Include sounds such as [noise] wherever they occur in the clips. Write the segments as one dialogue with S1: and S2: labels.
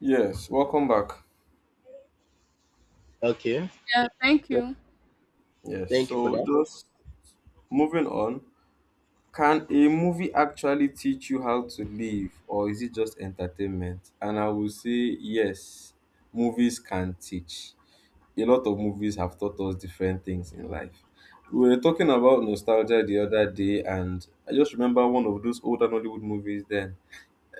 S1: Yes, welcome back.
S2: Okay,
S3: Yeah, thank
S2: th-
S3: you.
S1: Yes,
S2: Thank you for
S1: so
S2: that.
S1: just moving on. Can a movie actually teach you how to live, or is it just entertainment? And I will say yes, movies can teach. A lot of movies have taught us different things in life. We were talking about nostalgia the other day, and I just remember one of those older Nollywood movies then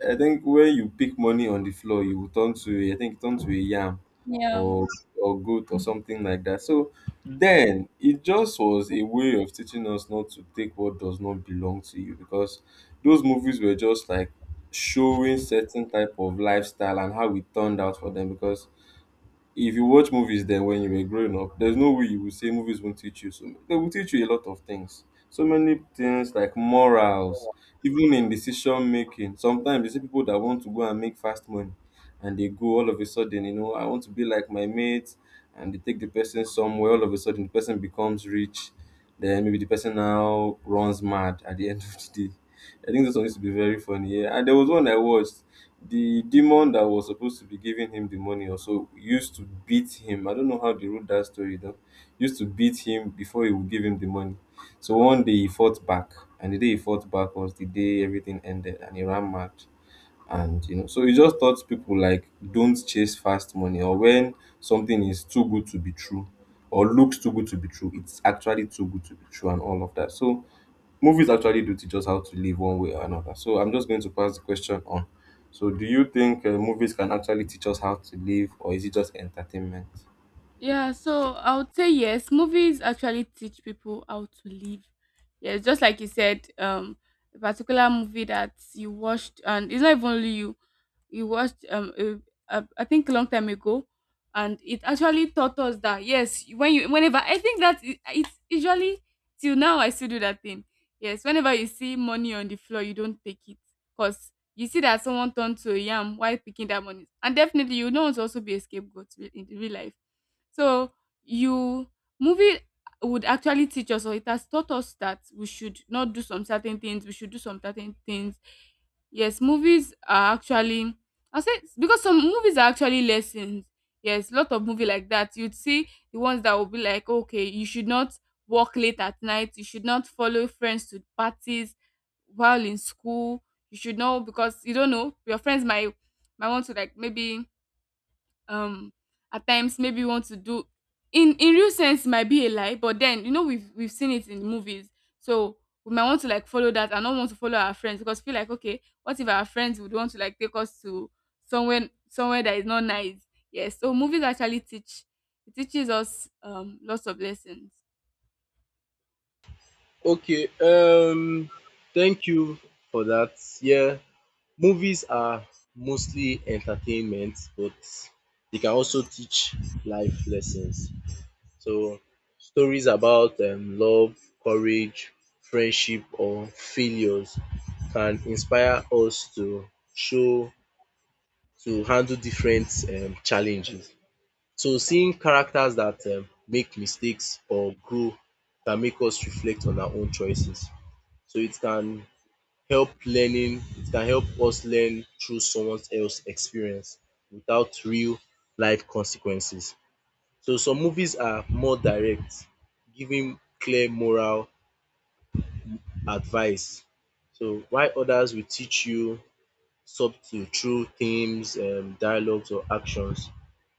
S1: I think when you pick money on the floor, you will turn to a yam
S3: Yeah.
S1: or goat or something like that. So then it just was a way of teaching us not to take what does not belong to you because those movies were just like showing certain type of lifestyle and how it turned out for them because if you watch movies then when you were growing up, there's no way you would say movies won't teach you. So they will teach you a lot of things. So many things like morals, even in decision making. Sometimes you see people that want to go and make fast money and they go all of a sudden, you know, I want to be like my mates, and they take the person somewhere, all of a sudden the person becomes rich. Then maybe the person now runs mad at the end [laughs] of the day. I think this one used to be very funny. Yeah. And there was one I watched the demon that was supposed to be giving him the money also used to beat him. I don't know how they wrote that story though. Used to beat him before he would give him the money. So one day he fought back, and the day he fought back was the day everything ended, and he ran mad. And you know, so he just taught people like don't chase fast money, or when something is too good to be true, or looks too good to be true, it's actually too good to be true, and all of that. So movies actually do teach us how to live one way or another. So I'm just going to pass the question on. So do you think movies can actually teach us how to live, or is it just entertainment?
S3: Yeah, so I would say yes, movies actually teach people how to live. Yes, just like you said, a particular movie that you watched, and it's not even only you, you watched I think a long time ago, and it actually taught us that yes, whenever I think that it, it's usually till now I still do that thing. Yes, whenever you see money on the floor, you don't take it because you see that someone turned to a yam while picking that money, and definitely you know it's also be a scapegoat in real life, so you movie would actually teach us, or it has taught us that we should not do some certain things, we should do some certain things. Yes, movies are actually, I say, because some movies are actually lessons. Yes, lot of movie like that. You'd see the ones that will be like, okay, you should not work late at night, you should not follow friends to parties while in school. You should know because you don't know your friends might want to like maybe um at times maybe you want to do in real sense it might be a lie, but then you know we've seen it in movies, so we might want to like follow that and not want to follow our friends because feel like okay, what if our friends would want to like take us to somewhere that is not nice. Yes, so movies actually teach, it teaches us lots of lessons.
S2: Okay, um, thank you for that. Yeah, movies are mostly entertainment, but they can also teach life lessons. So stories about love, courage, friendship, or failures can inspire us to show to handle different challenges. So seeing characters that make mistakes or grow can make us reflect on our own choices. So it can help learning, it can help us learn through someone else's experience without real life consequences. So some movies are more direct, giving clear moral advice. So while others will teach you subtle through themes, dialogues, or actions.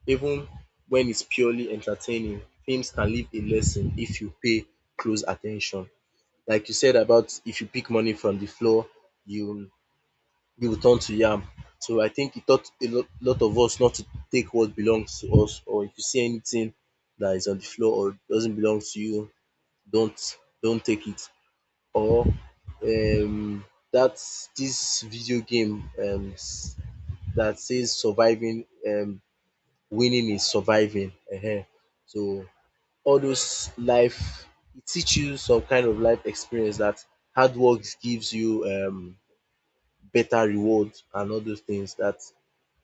S2: Even when it's purely entertaining, films can leave a lesson if you pay close attention. Like you said, about if you pick money from the floor, you you will turn to yam. So I think it taught a lot of us not to take what belongs to us, or if you see anything that is on the floor or doesn't belong to you, don't take it. Or um, that's this video game that says surviving, winning is surviving. Ehen. So all those life, it teaches you some kind of life experience that hard work gives you better reward and all those things that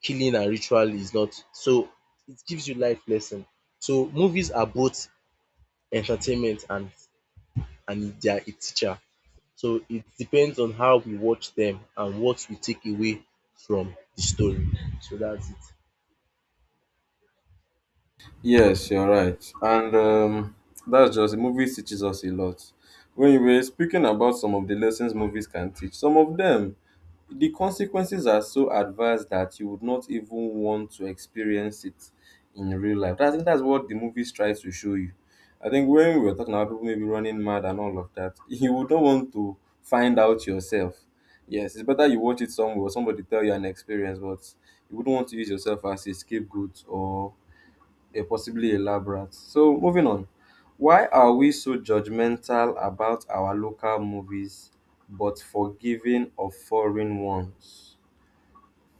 S2: killing and ritual is not. So it gives you life lesson. So movies are both entertainment and they are a teacher. So it depends on how we watch them and what we take away from the story. So that's it.
S1: Yes, you're right. And that's just movies teaches us a lot. When you were speaking about some of the lessons movies can teach, some of them the consequences are so adverse that you would not even want to experience it in real life. I think that's what the movies tries to show you. I think when we were talking about people maybe running mad and all of that, [laughs] you would not want to find out yourself. Yes, it's better you watch it somewhere or somebody tell you an experience, but you wouldn't want to use yourself as a scapegoat or possibly elaborate. So moving on, why are we so judgmental about our local movies but forgiving of foreign ones?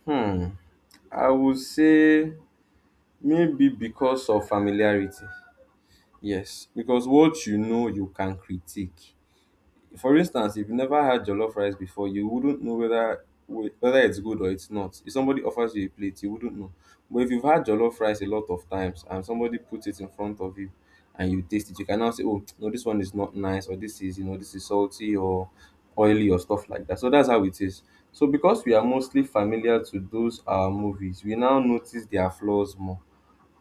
S1: Hmm, I would say maybe because of familiarity. Yes, because what you know you can critique. For instance, if you never had jollof rice before, you wouldn't know whether it's good or it's not. If somebody offers you a plate, you wouldn't know. But if you've had jollof rice a lot of times and somebody puts it in front of you and you taste it, you can now say, "Oh, no, this one is not nice," or "This is, you know, this is salty or oily or stuff like that." So that's how it is. So because we are mostly familiar to those movies, we now notice their flaws more,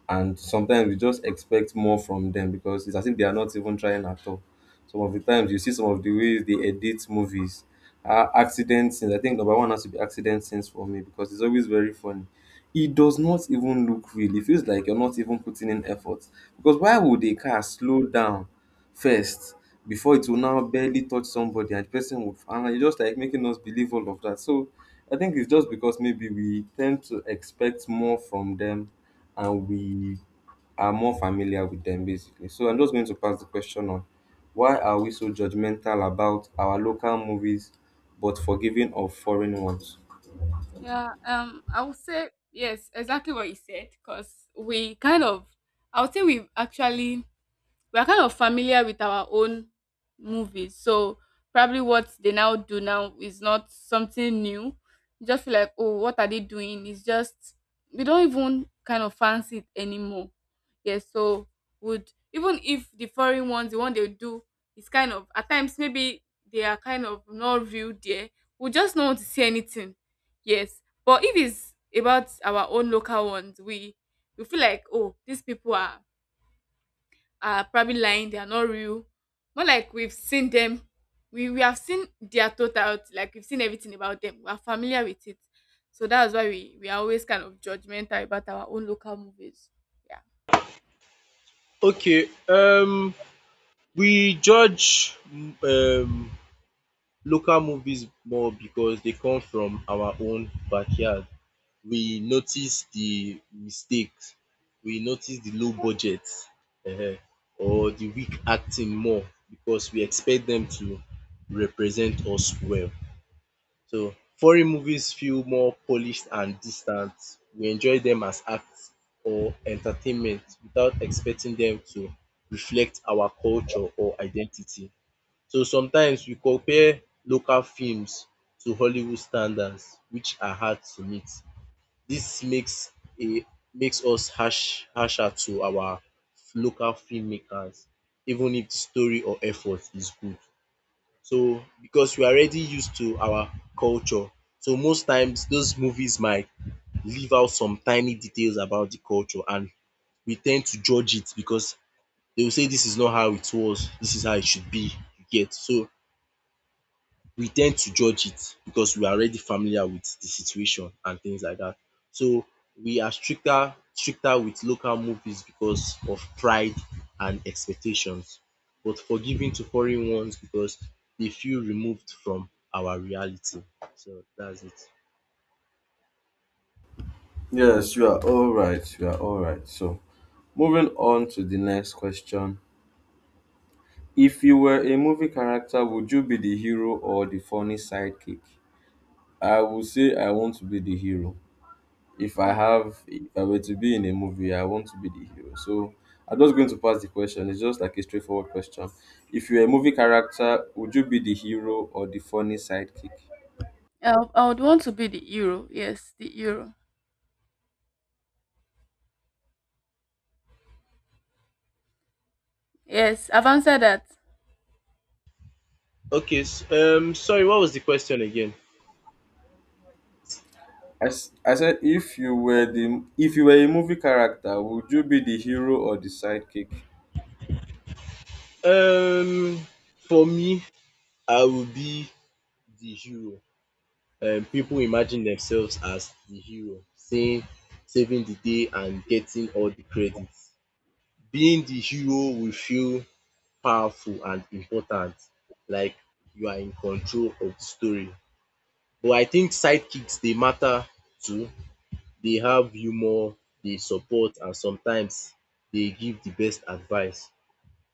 S1: and sometimes you just expect more from them because it's as if they are not even trying at all. Some of the times you see some of the ways they edit movies, accident scenes. I think number one has to be accident scenes for me because it's always very funny. It does not even look real. It feels like you're not even putting in effort because why would a car slow down first before it will now barely touch somebody and the person will, and it's just like making us believe all of that. So I think it's just because maybe we tend to expect more from them and we are more familiar with them basically. So I'm just going to pass the question on. Why are we so judgmental about our local movies but forgiving of foreign ones?
S3: Yeah, I would say yes, exactly what you said, because we kind of, I would say we've actually, we're kind of familiar with our own movies. So probably what they now do now is not something new. You just feel like, oh, what are they doing? It's just we don't even kind of fancy it anymore. Yes, so would even if the foreign ones, the one they do is kind of at times maybe they are kind of not real there. We just don't want to see anything. Yes. But if it's about our own local ones, we feel like, oh, these people are probably lying, they are not real. More like we've seen them, we have seen their totality, like we've seen everything about them. We are familiar with it. So that's why we are always kind of judgmental about our own local movies. Yeah.
S2: Okay. We judge um local movies more because they come from our own backyard. We notice the mistakes, we notice the low budget, um or the weak acting more because we expect them to represent us well. So foreign movies feel more polished and distant. We enjoy them as acts or entertainment without expecting them to reflect our culture or identity. So sometimes we compare local films to Hollywood standards which are hard to meet. This a makes us harsher to our local filmmakers even if the story or effort is good. So because we are already used to our culture, so most times those movies might leave out some tiny details about the culture and we ten d to judge it because they will say dis is not how it was, dis is how it should be, you get. So we tend to judge it because we are already familiar with the situation and things like that. So we are stricter with local movies because of pride and expectations but forgiving to foreign ones because they feel removed from our reality. So that's it.
S1: Yes, you are all right. You are all right. So moving on to the next question. If you were a movie character, would you be the hero or the funny sidekick? I would say I want to be the hero.
S3: Okay.
S1: If I were to be in a movie, I want to be the hero. So I'm just going to pass the question. It's just like a straightforward question. If you're a movie character, would you be the hero or the funny sidekick?
S3: I would want to be the hero. Yes, the hero. Yes, I've answered that.
S2: Okay, sorry, what was the question again?
S1: I said if you were the if you were a movie character, would you be the hero or the sidekick?
S2: um for me, I will be the hero. People imagine themselves as the hero, saying saving the day and getting all the credit. Being the hero will feel powerful and important, like you are in control of the story. But I think sidekicks, they matter too. They have humor, they support, and sometimes they give the best advice.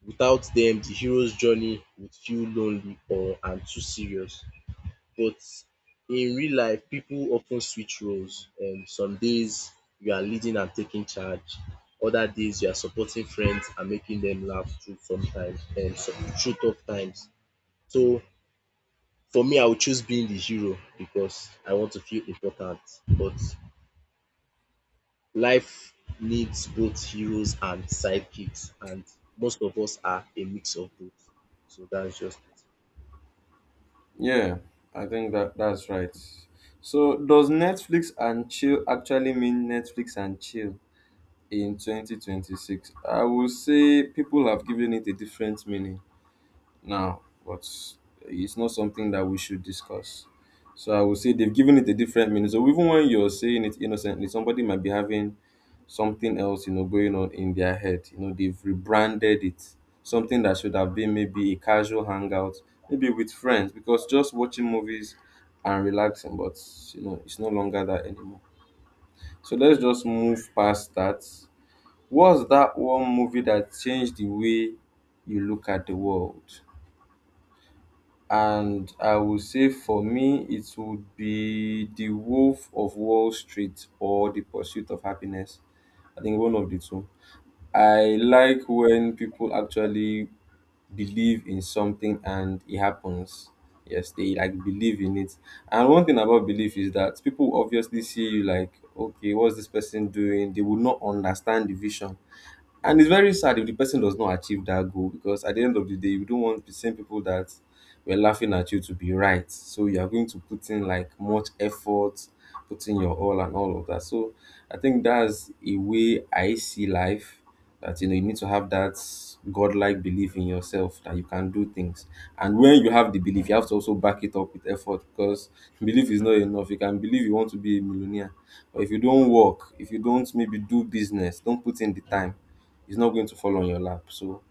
S2: Without them, the hero's journey would feel lonely or and too serious. But in real life, people often switch roles. Some days you are leading and taking charge. Other days you are supporting friends and making them laugh through through tough times. So for me, I would choose being the hero because I want to feel important. But life needs both heroes and sidekicks, and most of us are a mix of both. So that's just
S1: Yeah, I think that's right. So does Netflix and chill actually mean Netflix and chill in 2026? I would say people have given it a different meaning now, but it's not something that we should discuss. So I would say they've given it a different meaning. So even when you're saying it innocently, somebody might be having something else, you know, going on in their head. You know, they've rebranded it. Something that should have been maybe a casual hangout, maybe with friends, because just watching movies and relaxing, but you know, it's no longer that anymore. So let's just move past that. What's that one movie that changed the way you look at the world? And I would say for me, it would be The Wolf of Wall Street or The Pursuit of Happiness. I think one of the two. I like when people actually believe in something and it happens. Yes, they like believe in it. And one thing about belief is that people obviously see you like, okay, what's this person doing? They will not understand the vision. And it's very sad if the person does not achieve that goal because at the end of the day, you don't want the same people that were laughing at you to be right. So you are going to put in like much effort, put in your all and all of that. So I think that's a way I see life, that you know you need to have that godlike belief in yourself that you can do things. And when you have the belief, you have to also back it up with effort because [laughs] belief is not enough. You can believe you want to be a millionaire, but if you don't work, if you don't maybe do business, don't put in the time, it's not going to fall on your lap. So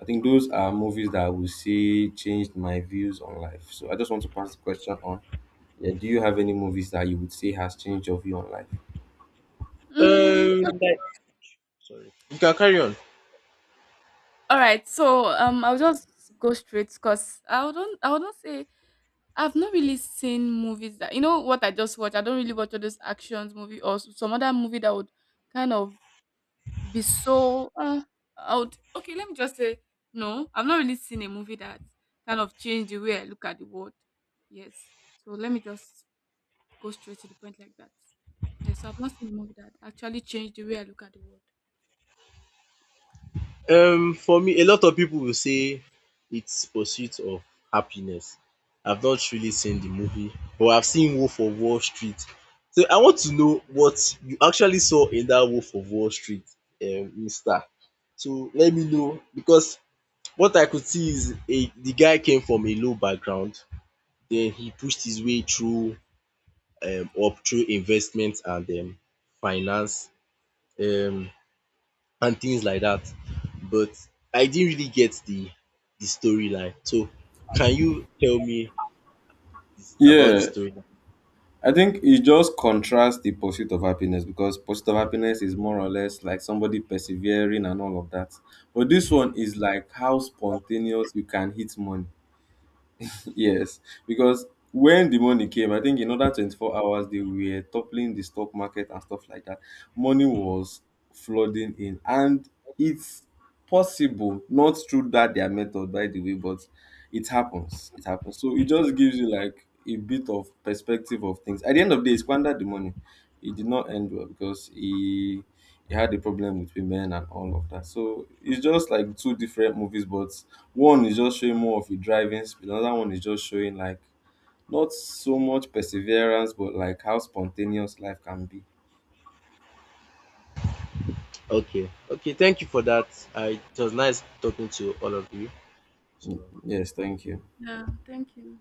S1: I think those are movies that I would say changed my views on life. So I just want to pass the question on. Yeah, do you have any movies that you would say has changed your view on life?
S3: Mm,
S2: it. Um, Sorry. You can carry on.
S3: all right. So I'll just go straight because I wouldn't say I've not really seen movies that you know what I just watched. I don't really watch all those actions movie or some other movie that would kind of be so. I okay. Let me just say no. I've not really seen a movie that kind of changed the way I look at the world. Yes. So let me just go straight to the point like that. Yes. So I've not seen a movie that actually changed the way I look at the world.
S2: For me, a lot of people will say it's Pursuit of Happiness. I've not really seen the movie, but I've seen Wolf of Wall Street. So I want to know what you actually saw in that Wolf of Wall Street, mister. So let me know, because what I could see is a the guy came from a low background, then he pushed his way through, up through investment and finance, um and things like that. But I didn't really get the storyline. So can you tell me this, about the
S1: Yeah,
S2: storyline?
S1: I think it just contrasts The Pursuit of Happiness because Pursuit of Happiness is more or less like somebody persevering and all of that. But this one is like how spontaneous you can hit money. [laughs] Yes, because when the money came, I think in other 24 hours, they were toppling the stock market and stuff like that. Money was flooding in, and it's possible, not through that their method, by the way, but it happens. It happens. So it just gives you like a bit of perspective of things. At the end of the day, he squandered the money. It did not end well because he had a problem with women and all of that. So it's just like two different movies, but one is just showing more of a driving speed, another one is just showing like not so much perseverance, but like how spontaneous life can be.
S2: Okay, okay. Thank you for that. I, it was nice talking to all of you. So.
S1: Yes, thank you.
S3: Yeah. Thank you.